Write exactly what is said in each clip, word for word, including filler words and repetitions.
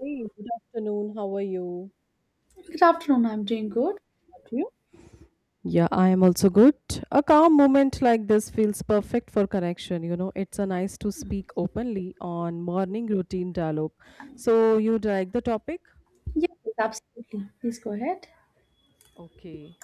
Hey, good afternoon. How are you? Good afternoon. I'm doing good. How are you? Yeah, I am also good. A calm moment like this feels perfect for connection. You know, it's a nice to speak openly on morning routine dialogue. So you like the topic? Yes, absolutely. Please go ahead. Okay.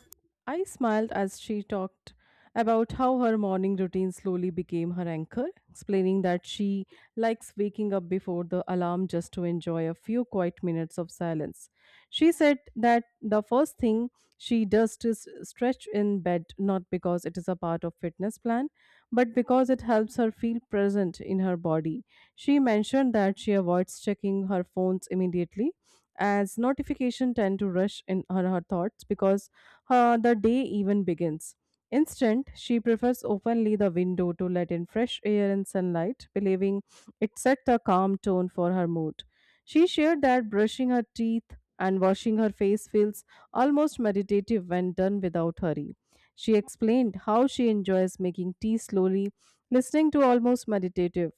I smiled as she talked about how her morning routine slowly became her anchor, explaining that she likes waking up before the alarm just to enjoy a few quiet minutes of silence. She said that the first thing she does is stretch in bed, not because it is a part of fitness plan, but because it helps her feel present in her body. She mentioned that she avoids checking her phones immediately as notification tend to rush in her her thoughts because uh, the day even begins. Instead, she prefers openly the window to let in fresh air and sunlight, believing it set the calm tone for her mood. She shared that brushing her teeth and washing her face feels almost meditative when done without hurry. She explained how she enjoys making tea slowly, listening to almost meditative,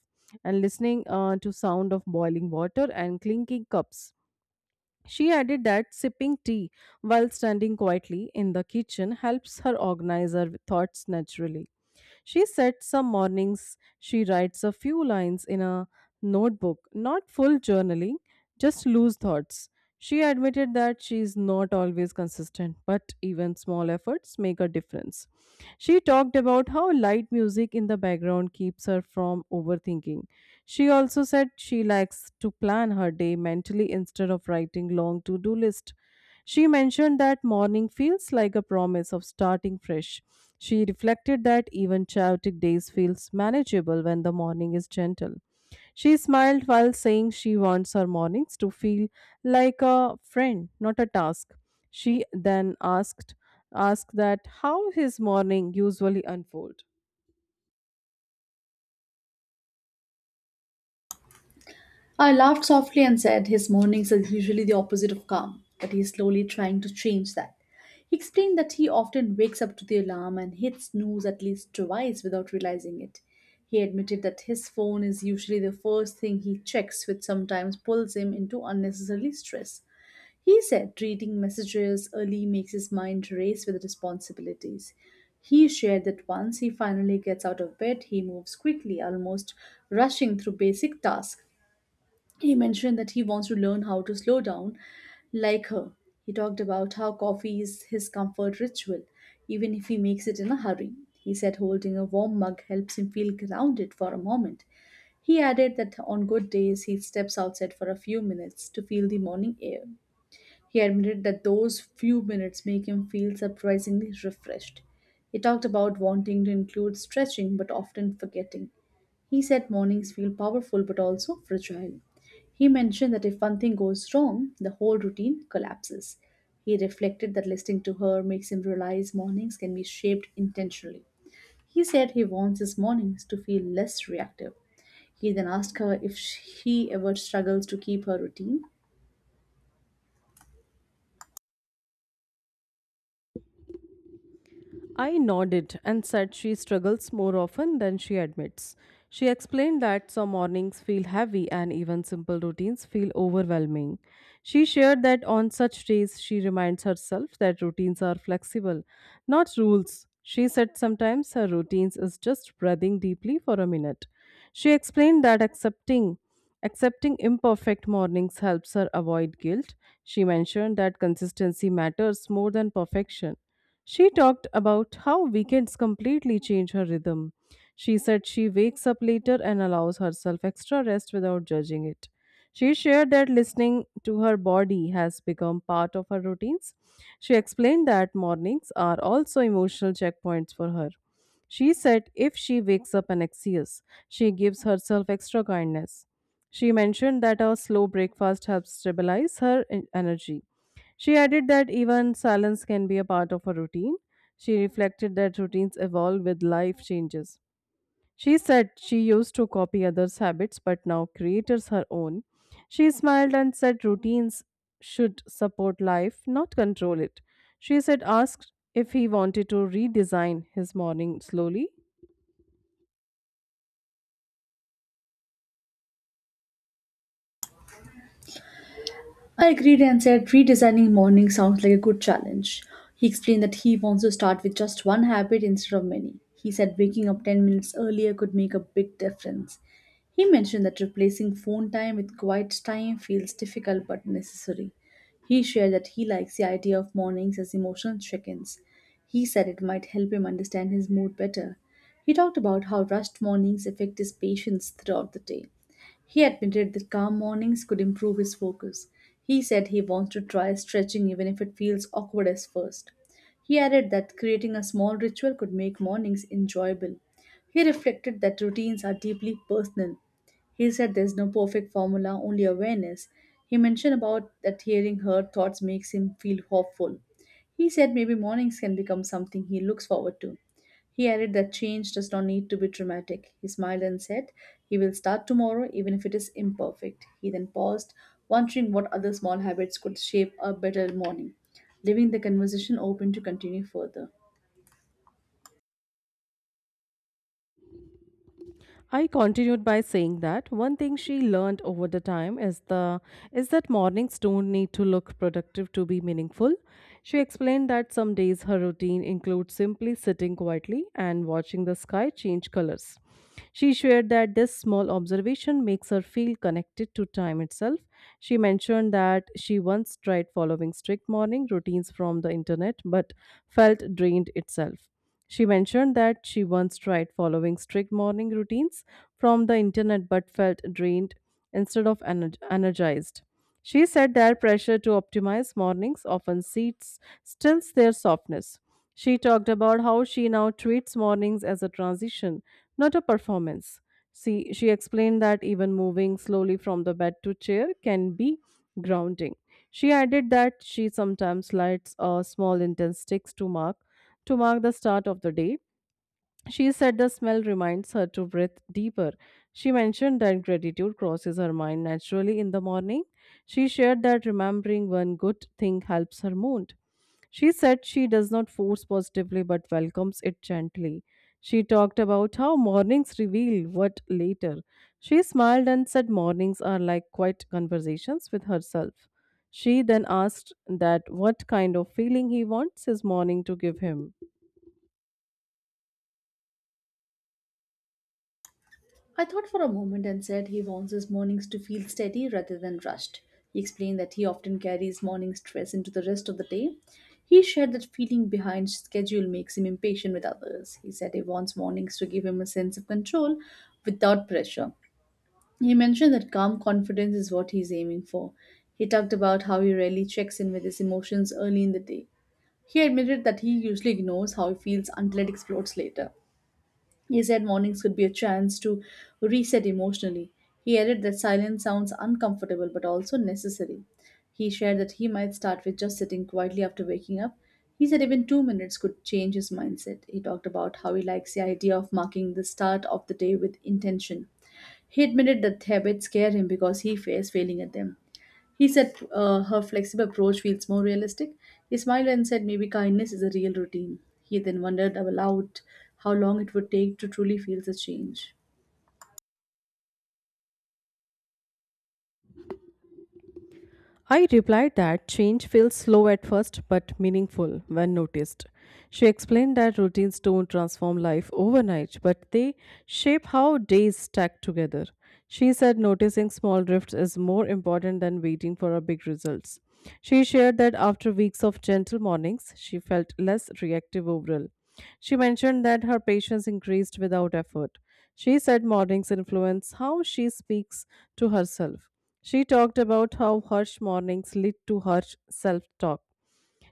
and listening uh, to sound of boiling water and clinking cups. She added that sipping tea while standing quietly in the kitchen helps her organize her thoughts naturally. She said some mornings she writes a few lines in a notebook, not full journaling, just loose thoughts. She admitted that she is not always consistent, but even small efforts make a difference. She talked about how light music in the background keeps her from overthinking. She also said she likes to plan her day mentally instead of writing long to do list. She mentioned that morning feels like a promise of starting fresh. She reflected that even chaotic days feels manageable when the morning is gentle. She smiled while saying she wants her mornings to feel like a friend, not a task. She then asked asked that how his morning usually unfold. I laughed softly and said his mornings are usually the opposite of calm, but he's slowly trying to change that. He explained that he often wakes up to the alarm and hits snooze at least twice without realizing it. He admitted that his phone is usually the first thing he checks, which sometimes pulls him into unnecessary stress. He said reading messages early makes his mind race with responsibilities. He shared that once he finally gets out of bed, he moves quickly, almost rushing through basic tasks. He mentioned that he wants to learn how to slow down like her. He talked about how coffee is his comfort ritual, even if he makes it in a hurry. He said holding a warm mug helps him feel grounded for a moment. He added that on good days he steps outside for a few minutes to feel the morning air. He admitted that those few minutes make him feel surprisingly refreshed. He talked about wanting to include stretching but often forgetting. He said mornings feel powerful but also fragile. He mentioned that if one thing goes wrong, the whole routine collapses. He reflected that listening to her makes him realize mornings can be shaped intentionally. He said he wants his mornings to feel less reactive. He then asked her if sh- he ever struggles to keep her routine. I nodded and said she struggles more often than she admits. She explained that some mornings feel heavy and even simple routines feel overwhelming. She shared that on such days she reminds herself that routines are flexible, not rules. She said sometimes her routines is just breathing deeply for a minute. She explained that accepting accepting imperfect mornings helps her avoid guilt. She mentioned that consistency matters more than perfection. She talked about how weekends completely change her rhythm. She said she wakes up later and allows herself extra rest without judging it. She shared that listening to her body has become part of her routines. She explained that mornings are also emotional checkpoints for her. She said if she wakes up anxious, she gives herself extra kindness. She mentioned that a slow breakfast helps stabilize her en- energy. She added that even silence can be a part of a routine. She reflected that routines evolve with life changes. She said she used to copy others' habits but now creates her own. She smiled and said routines should support life, not control it. She said asked if he wanted to redesign his morning slowly. I agreed and said redesigning morning sounds like a good challenge. He explained that he wants to start with just one habit instead of many. He said waking up ten minutes earlier could make a big difference. He mentioned that replacing phone time with quiet time feels difficult but necessary. He shared that he likes the idea of mornings as emotional check ins. He said it might help him understand his mood better. He talked about how rushed mornings affect his patience throughout the day. He admitted that calm mornings could improve his focus. He said he wants to try stretching even if it feels awkward at first. He added that creating a small ritual could make mornings enjoyable. He reflected that routines are deeply personal. He said there's no perfect formula, only awareness. He mentioned about that hearing her thoughts makes him feel hopeful. He said maybe mornings can become something he looks forward to. He added that change does not need to be dramatic. He smiled and said he will start tomorrow, even if it is imperfect. He then paused, wondering what other small habits could shape a better morning, leaving the conversation open to continue further. I continued by saying that one thing she learned over the time is the is that mornings don't need to look productive to be meaningful. She explained that some days her routine includes simply sitting quietly and watching the sky change colors. She shared that this small observation makes her feel connected to time itself. She mentioned that she once tried following strict morning routines from the internet but felt drained itself. She mentioned that she once tried following strict morning routines from the internet but felt drained instead of ener- energized. She said their pressure to optimize mornings often seats, stills their softness. She talked about how she now treats mornings as a transition, not a performance. See, she explained that even moving slowly from the bed to chair can be grounding. She added that she sometimes lights a small intense sticks to mark to mark the start of the day. She said the smell reminds her to breathe deeper. She mentioned that gratitude crosses her mind naturally in the morning. She shared that remembering one good thing helps her mood. She said she does not force positively but welcomes it gently. She talked about how mornings reveal what later. She smiled and said mornings are like quiet conversations with herself. She then asked that what kind of feeling he wants his morning to give him. I thought for a moment and said he wants his mornings to feel steady rather than rushed. He explained that he often carries morning stress into the rest of the day. He shared that feeling behind schedule makes him impatient with others. He said he wants mornings to give him a sense of control without pressure. He mentioned that calm confidence is what he's aiming for. He talked about how he rarely checks in with his emotions early in the day. He admitted that he usually ignores how he feels until it explodes later. He said mornings could be a chance to reset emotionally. He added that silence sounds uncomfortable but also necessary. He shared that he might start with just sitting quietly after waking up. He said even two minutes could change his mindset. He talked about how he likes the idea of marking the start of the day with intention. He admitted that habits scare him because he fears failing at them. He said uh, her flexible approach feels more realistic. He smiled and said maybe kindness is a real routine. He then wondered aloud how long it would take to truly feel the change. I replied that change feels slow at first but meaningful when noticed. She explained that routines don't transform life overnight, but they shape how days stack together. She said noticing small drifts is more important than waiting for a big results. She shared that after weeks of gentle mornings, she felt less reactive overall. She mentioned that her patience increased without effort. She said mornings influence how she speaks to herself. She talked about how harsh mornings lead to harsh self talk.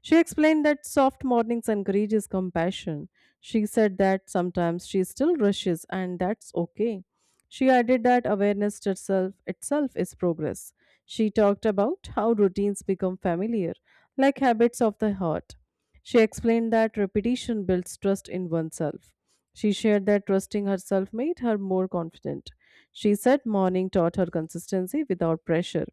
She explained that soft mornings encourages compassion. She said that sometimes she still rushes and that's okay. She added that awareness to itself itself is progress. She talked about how routines become familiar, like habits of the heart. She explained that repetition builds trust in oneself. She shared that trusting herself made her more confident. She said morning taught her consistency without pressure.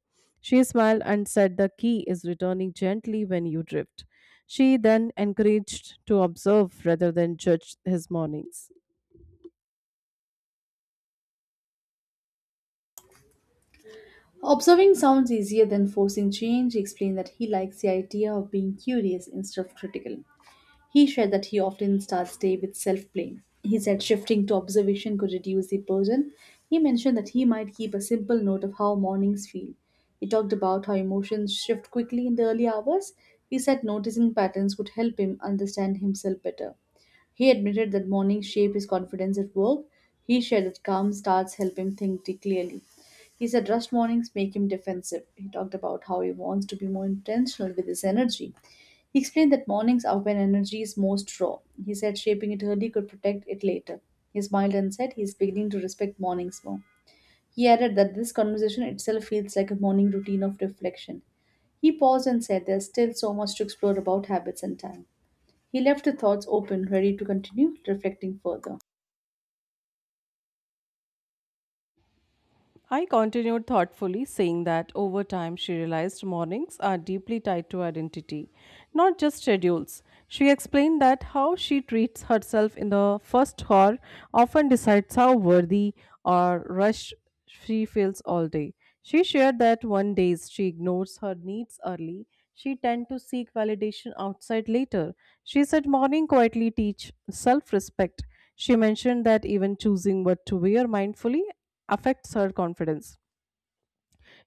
She smiled and said the key is returning gently when you drift. She then encouraged to observe rather than judge his mornings. Observing sounds easier than forcing change. He explained that he likes the idea of being curious instead of critical. He shared that he often starts day with self blame. He said shifting to observation could reduce the burden. He mentioned that he might keep a simple note of how mornings feel. He talked about how emotions shift quickly in the early hours. He said noticing patterns would help him understand himself better. He admitted that mornings shape his confidence at work. He shared that calm starts help him think t- clearly. He said rust mornings make him defensive. He talked about how he wants to be more intentional with his energy. He explained that mornings are when energy is most raw. He said shaping it early could protect it later. He smiled and said he is beginning to respect mornings more. He added that this conversation itself feels like a morning routine of reflection. He paused and said there's still so much to explore about habits and time. He left the thoughts open, ready to continue reflecting further. I continued thoughtfully, saying that over time she realized mornings are deeply tied to identity, not just schedules. She explained that how she treats herself in the first hour often decides how worthy or rushed she feels all day. She shared that one days she ignores her needs early, she tend to seek validation outside later. She said morning quietly teach self-respect. She mentioned that even choosing what to wear mindfully affects her confidence.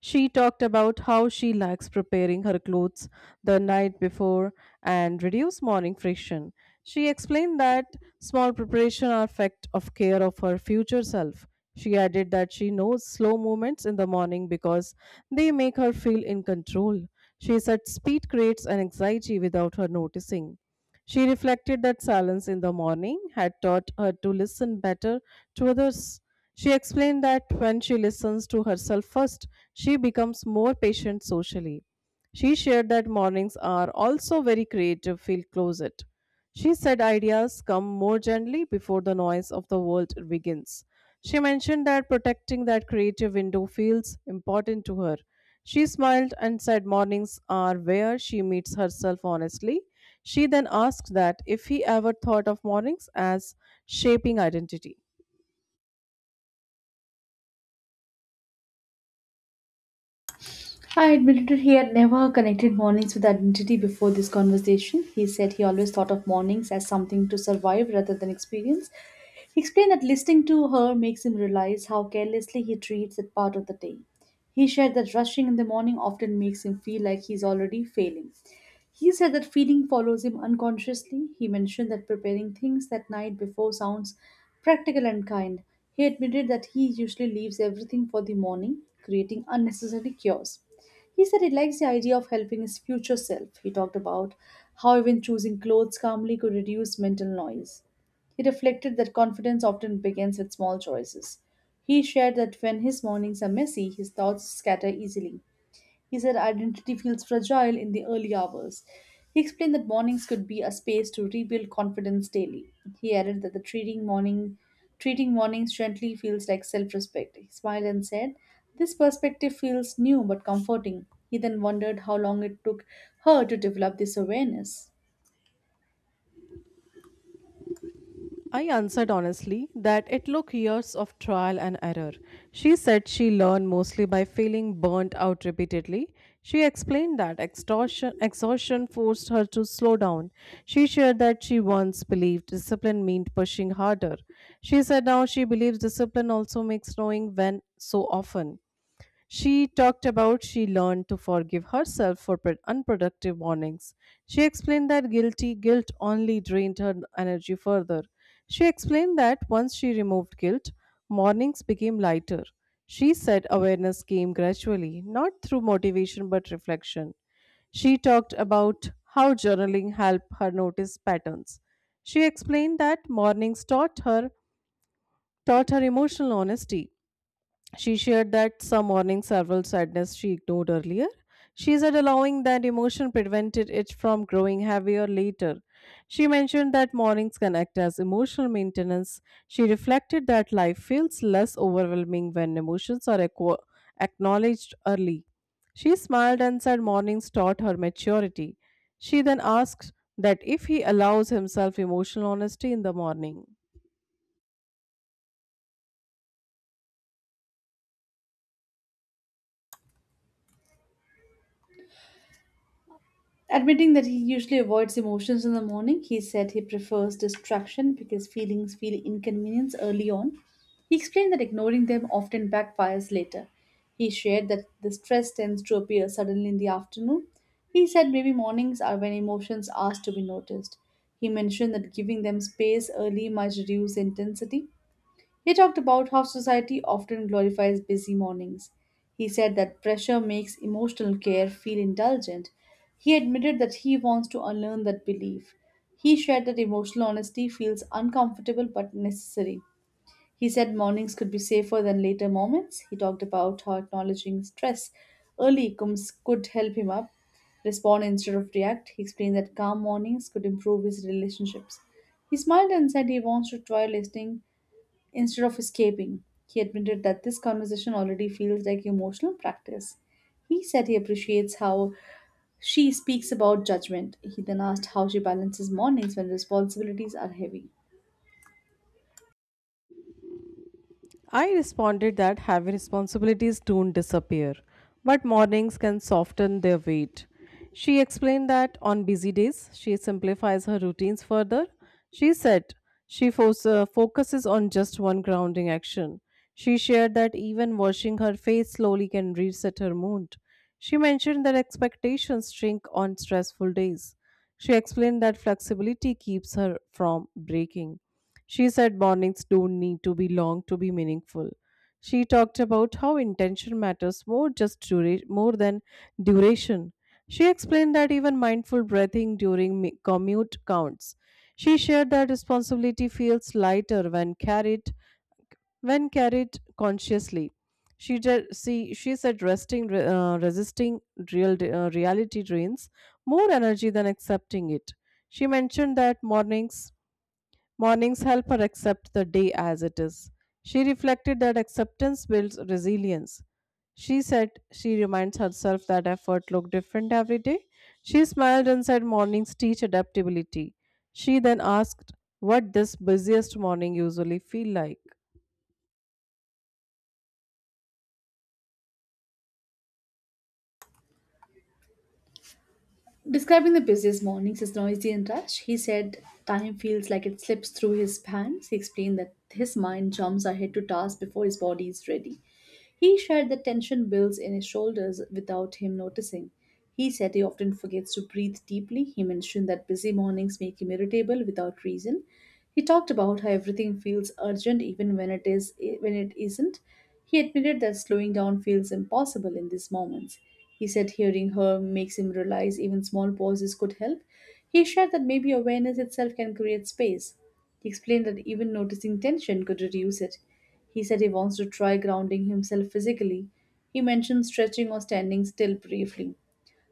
She talked about how she likes preparing her clothes the night before and reduce morning friction. She explained that small preparation are effect of care of her future self. She added that she knows slow movements in the morning because they make her feel in control. She said speed creates an anxiety without her noticing. She reflected that silence in the morning had taught her to listen better to others. She explained that when she listens to herself first, she becomes more patient socially. She shared that mornings are also very creative field closet. She said ideas come more gently before the noise of the world begins. She mentioned that protecting that creative window feels important to her. She smiled and said mornings are where she meets herself honestly. She then asked that if he ever thought of mornings as shaping identity. I admitted he had never connected mornings with identity before this conversation. He said he always thought of mornings as something to survive rather than experience. He explained that listening to her makes him realize how carelessly he treats that part of the day. He shared that rushing in the morning often makes him feel like he's already failing. He said that feeling follows him unconsciously. He mentioned that preparing things that night before sounds practical and kind. He admitted that he usually leaves everything for the morning, creating unnecessary chaos. He said he likes the idea of helping his future self. He talked about how even choosing clothes calmly could reduce mental noise. He reflected that confidence often begins with small choices. He shared that when his mornings are messy, his thoughts scatter easily. He said identity feels fragile in the early hours. He explained that mornings could be a space to rebuild confidence daily. He added that the treating morning treating mornings gently feels like self-respect. He smiled and said, "This perspective feels new but comforting." He then wondered how long it took her to develop this awareness. I answered honestly that it took years of trial and error. She said she learned mostly by feeling burnt out repeatedly. She explained that extortion, exhaustion forced her to slow down. She shared that she once believed discipline meant pushing harder. She said now she believes discipline also makes knowing when so often. She talked about she learned to forgive herself for pro- unproductive mornings. She explained that guilty guilt only drained her energy further. She explained that once she removed guilt, mornings became lighter. She said awareness came gradually, not through motivation but reflection. She talked about how journaling helped her notice patterns. She explained that mornings taught her taught her emotional honesty. She shared that some morning several sadness she ignored earlier. She said allowing that emotion prevented it from growing heavier later. She mentioned that mornings can act as emotional maintenance. She reflected that life feels less overwhelming when emotions are acqua- acknowledged early. She smiled and said mornings taught her maturity. She then asked that if he allows himself emotional honesty in the morning. Admitting that he usually avoids emotions in the morning, he said he prefers distraction because feelings feel inconvenience early on. He explained that ignoring them often backfires later. He shared that the stress tends to appear suddenly in the afternoon. He said maybe mornings are when emotions ask to be noticed. He mentioned that giving them space early might reduce intensity. He talked about how society often glorifies busy mornings. He said that pressure makes emotional care feel indulgent. He admitted that he wants to unlearn that belief. He shared that emotional honesty feels uncomfortable but necessary. He said mornings could be safer than later moments. He talked about how acknowledging stress early comes, could help him up, respond instead of react. He explained that calm mornings could improve his relationships. He smiled and said he wants to try listening instead of escaping. He admitted that this conversation already feels like emotional practice. He said he appreciates how she speaks about judgment. He then asked how she balances mornings when responsibilities are heavy. I responded that heavy responsibilities don't disappear, but mornings can soften their weight. She explained that on busy days, she simplifies her routines further. She said she fo- uh, focuses on just one grounding action. She shared that even washing her face slowly can reset her mood. She mentioned that expectations shrink on stressful days. She explained that flexibility keeps her from breaking. She said mornings don't need to be long to be meaningful. She talked about how intention matters more just dura- more than duration. She explained that even mindful breathing during mi- commute counts. She shared that responsibility feels lighter when carried when carried consciously. She ju- see she said resting re- uh, resisting real uh, reality drains more energy than accepting it. She mentioned that mornings Mornings help her accept the day as it is. She reflected that acceptance builds resilience. She said she reminds herself that effort looked different every day. She smiled and said mornings teach adaptability. She then asked what this busiest morning usually feel like. Describing the busiest mornings as noisy and rushed, he said time feels like it slips through his hands. He explained that his mind jumps ahead to tasks before his body is ready. He shared that tension builds in his shoulders without him noticing. He said he often forgets to breathe deeply. He mentioned that busy mornings make him irritable without reason. He talked about how everything feels urgent even when it is when it isn't. He admitted that slowing down feels impossible in these moments. He said hearing her makes him realize even small pauses could help. He shared that maybe awareness itself can create space. He explained that even noticing tension could reduce it. He said he wants to try grounding himself physically. He mentioned stretching or standing still briefly.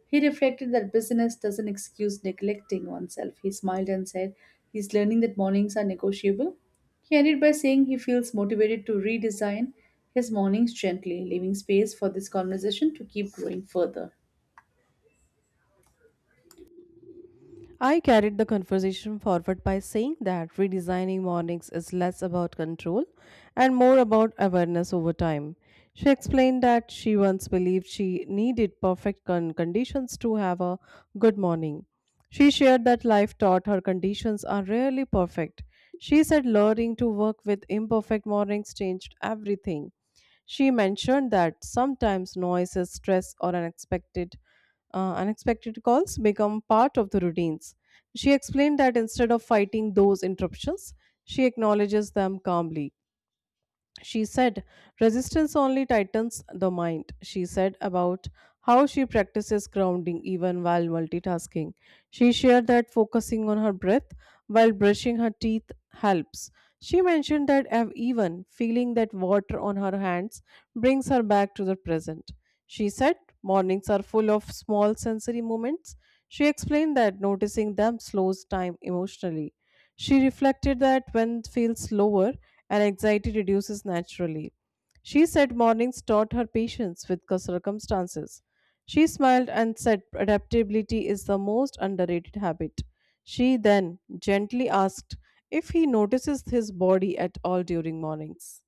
He reflected that busyness doesn't excuse neglecting oneself. He smiled and said he's learning that mornings are negotiable. He ended by saying he feels motivated to redesign his mornings gently, leaving space for this conversation to keep growing further. I carried the conversation forward by saying that redesigning mornings is less about control and more about awareness over time. She explained that she once believed she needed perfect con- conditions to have a good morning. She shared that life taught her conditions are rarely perfect. She said learning to work with imperfect mornings changed everything. She mentioned that sometimes noises, stress, or unexpected uh, unexpected calls become part of the routines. She explained that instead of fighting those interruptions, she acknowledges them calmly. She said, resistance only tightens the mind. She said about how she practices grounding even while multitasking. She shared that focusing on her breath while brushing her teeth helps. She mentioned that ev- even feeling that water on her hands brings her back to the present. She said, mornings are full of small sensory moments. She explained that noticing them slows time emotionally. She reflected that when feels lower and anxiety reduces naturally. She said mornings taught her patience with cir- circumstances. She smiled and said adaptability is the most underrated habit. She then gently asked if he notices his body at all during mornings.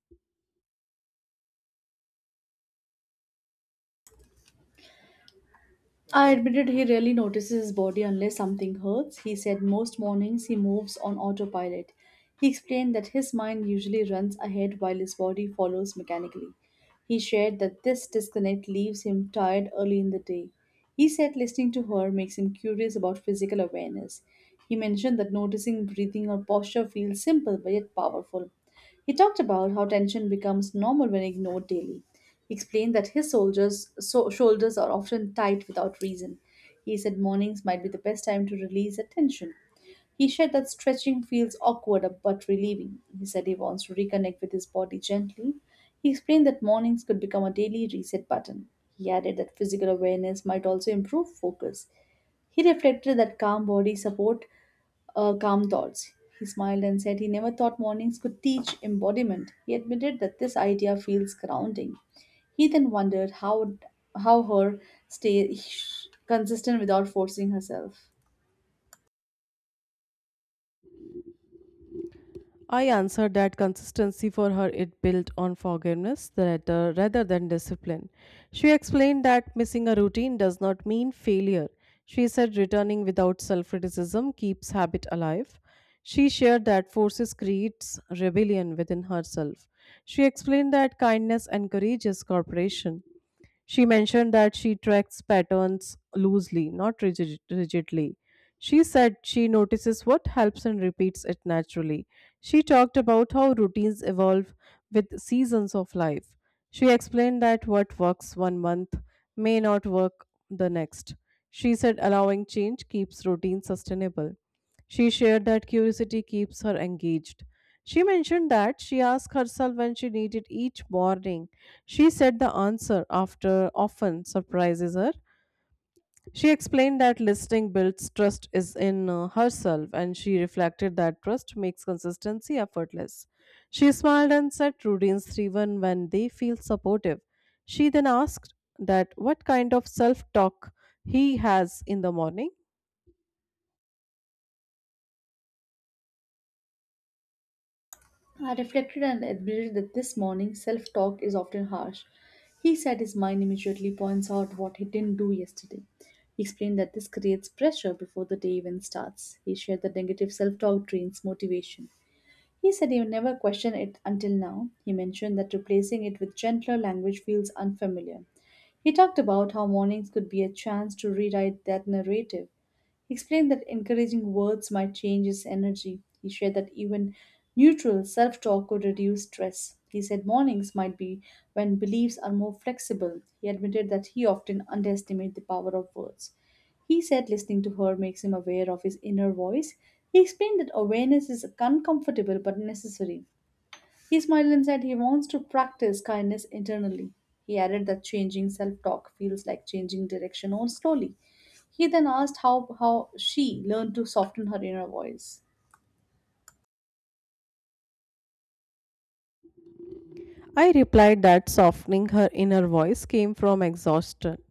I admitted he rarely notices his body unless something hurts. He said most mornings he moves on autopilot. He explained that his mind usually runs ahead while his body follows mechanically. He shared that this disconnect leaves him tired early in the day. He said listening to her makes him curious about physical awareness. He mentioned that noticing breathing or posture feels simple but yet powerful. He talked about how tension becomes normal when ignored daily. He explained that his soldiers, so, shoulders are often tight without reason. He said mornings might be the best time to release that tension. He shared that stretching feels awkward but relieving. He said he wants to reconnect with his body gently. He explained that mornings could become a daily reset button. He added that physical awareness might also improve focus. He reflected that calm body support uh, calm thoughts. He smiled and said he never thought mornings could teach embodiment. He admitted that this idea feels grounding. He then wondered how how her stay consistent without forcing herself. I answered that consistency for her it built on forgiveness rather, rather than discipline. She explained that missing a routine does not mean failure. She said returning without self criticism keeps habit alive. She shared that forces creates rebellion within herself. She explained that kindness encourages cooperation. She mentioned that she tracks patterns loosely, not rigid- rigidly. She said she notices what helps and repeats it naturally. She talked about how routines evolve with seasons of life. She explained that what works one month may not work the next. She said allowing change keeps routines sustainable. She shared that curiosity keeps her engaged. She mentioned that she asked herself when she needed each morning. She said the answer after often surprises her. She explained that listening builds trust is in uh, herself, and she reflected that trust makes consistency effortless. She smiled and said routines thrive when they feel supportive. She then asked that what kind of self talk he has in the morning. I reflected and admitted that this morning self talk is often harsh. He said his mind immediately points out what he didn't do yesterday. He explained that this creates pressure before the day even starts. He shared that negative self talk drains motivation. He said he never questioned it until now. He mentioned that replacing it with gentler language feels unfamiliar. He talked about how mornings could be a chance to rewrite that narrative. He explained that encouraging words might change his energy. He shared that even neutral self talk could reduce stress. He said mornings might be when beliefs are more flexible. He admitted that he often underestimates the power of words. He said listening to her makes him aware of his inner voice. He explained that awareness is uncomfortable but necessary. He smiled and said he wants to practice kindness internally. He added that changing self talk feels like changing direction or slowly. He then asked how, how she learned to soften her inner voice. I replied that softening her inner voice came from exhaustion,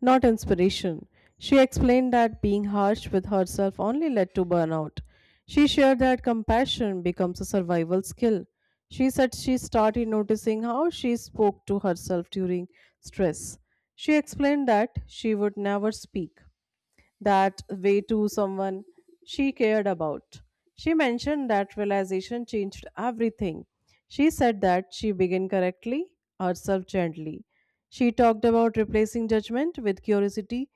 not inspiration. She explained that being harsh with herself only led to burnout. She shared that compassion becomes a survival skill. She said she started noticing how she spoke to herself during stress. She explained that she would never speak that way to someone she cared about. She mentioned that realization changed everything. She said that she began correctly, herself gently. She talked about replacing judgment with curiosity.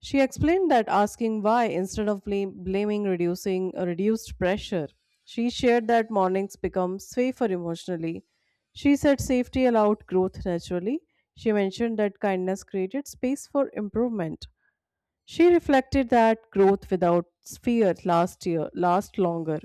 She explained that asking why instead of blame, blaming reducing reduced pressure. She shared that mornings become safer emotionally. She said safety allowed growth naturally. She mentioned that kindness created space for improvement. She reflected that growth without fear last year last longer.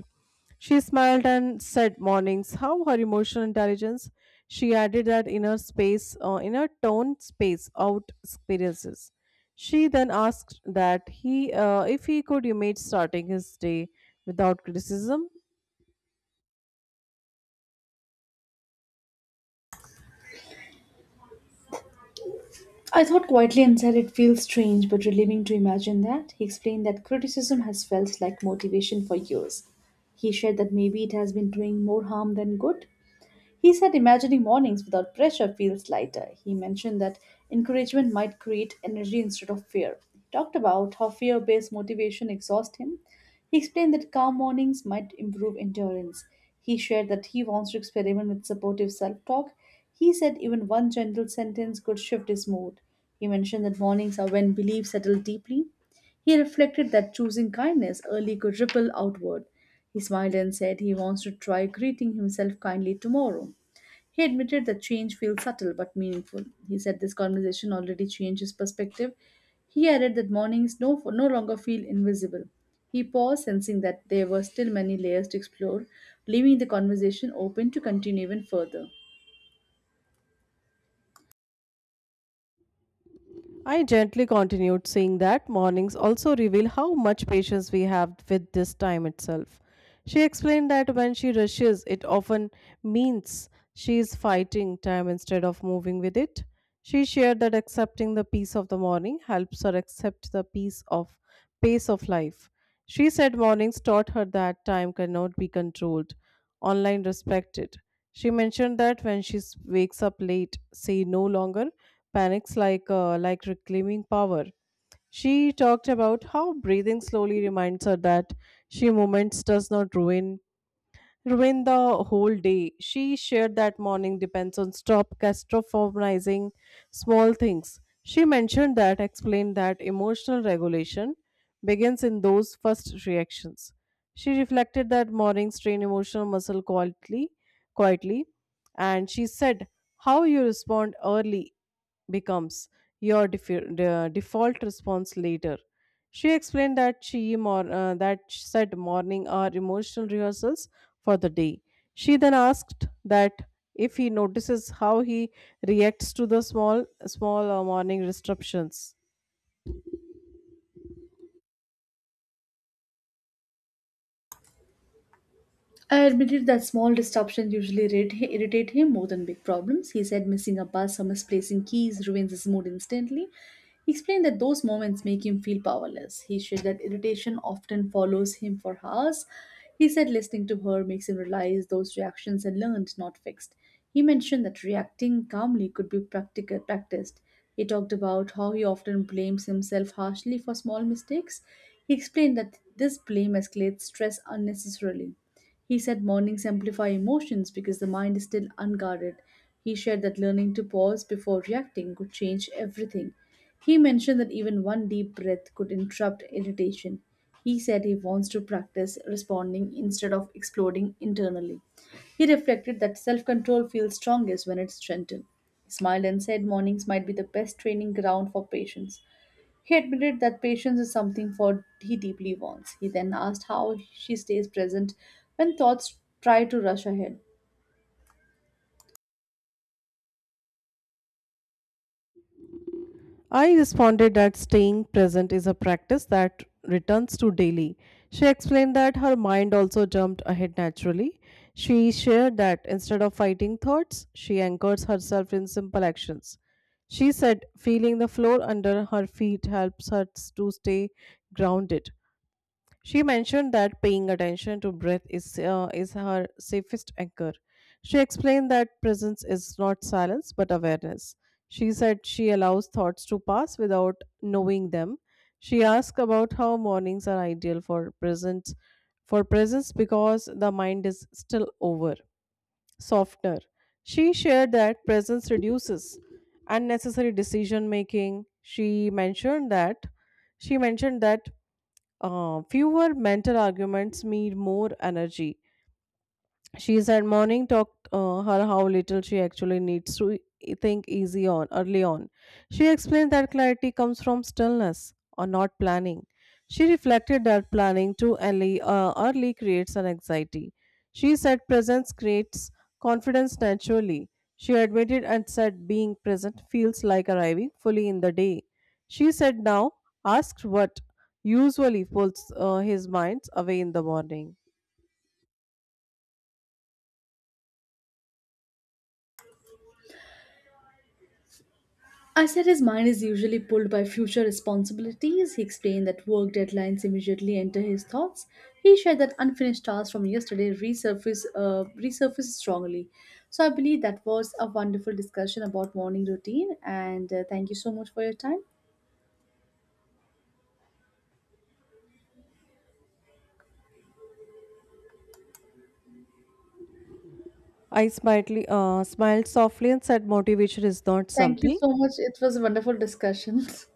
She smiled and said mornings how her emotional intelligence. She added that inner space, uh, inner tone space out experiences. She then asked that he, uh, if he could imagine starting his day without criticism. I thought quietly and said it feels strange but relieving to imagine that. He explained that criticism has felt like motivation for years. He shared that maybe it has been doing more harm than good. He said imagining mornings without pressure feels lighter. He mentioned that encouragement might create energy instead of fear. He talked about how fear based motivation exhausts him. He explained that calm mornings might improve endurance. He shared that he wants to experiment with supportive self talk. He said even one gentle sentence could shift his mood. He mentioned that mornings are when beliefs settle deeply. He reflected that choosing kindness early could ripple outward. He smiled and said he wants to try greeting himself kindly tomorrow. He admitted the change feels subtle but meaningful. He said this conversation already changed his perspective. He added that mornings no, no longer feel invisible. He paused, sensing that there were still many layers to explore, leaving the conversation open to continue even further. I gently continued, saying that mornings also reveal how much patience we have with this time itself. She explained that when she rushes, it often means she is fighting time instead of moving with it. She shared that accepting the peace of the morning helps her accept the peace of pace of life. She said mornings taught her that time cannot be controlled, online respected. She mentioned that when she s- wakes up late, she no longer panics like uh, like reclaiming power. She talked about how breathing slowly reminds her that she moments does not ruin ruin the whole day. She shared that morning depends on stop catastrophizing small things. She mentioned that, explained that emotional regulation begins in those first reactions. She reflected that morning strain emotional muscle quietly, quietly, and she said, "How you respond early becomes your def- uh, default response later." She explained that she mor- uh, that said morning are emotional rehearsals for the day. She then asked that if he notices how he reacts to the small small uh, morning disruptions. I admitted that small disruptions usually irrit- irritate him more than big problems. He said missing a bus or misplacing keys ruins his mood instantly. He explained that those moments make him feel powerless. He shared that irritation often follows him for hours. He said listening to her makes him realize those reactions are learned, not fixed. He mentioned that reacting calmly could be practical, practiced. He talked about how he often blames himself harshly for small mistakes. He explained that this blame escalates stress unnecessarily. He said mornings amplify emotions because the mind is still unguarded. He shared that learning to pause before reacting could change everything. He mentioned that even one deep breath could interrupt irritation. He said he wants to practice responding instead of exploding internally. He reflected that self control feels strongest when it's strengthened. He smiled and said mornings might be the best training ground for patience. He admitted that patience is something for he deeply wants. He then asked how she stays present when thoughts try to rush ahead. I responded that staying present is a practice that returns to daily. She explained that her mind also jumped ahead naturally. She shared that instead of fighting thoughts, she anchors herself in simple actions. She said feeling the floor under her feet helps her to stay grounded. She mentioned that paying attention to breath is, uh, is her safest anchor. She explained that presence is not silence but awareness. She said she allows thoughts to pass without knowing them. She asked about how mornings are ideal for presence for presence because the mind is still over, softener. She shared that presence reduces unnecessary decision making. She mentioned that she mentioned that uh, fewer mental arguments mean more energy. She's had morning talked uh, her how little she actually needs to e- think easy on early on. She explained that clarity comes from stillness or not planning. She reflected that planning too early, uh, early creates an anxiety. She said presence creates confidence naturally. She admitted and said being present feels like arriving fully in the day. She said now asked what usually pulls uh, his minds away in the morning. I said his mind is usually pulled by future responsibilities. He explained that work deadlines immediately enter his thoughts. He shared that unfinished tasks from yesterday resurface uh, resurface strongly. So I believe that was a wonderful discussion about morning routine. And uh, thank you so much for your time. I smiled, uh, smiled softly and said, Motivation is not Thank you something so much. It was a wonderful discussion.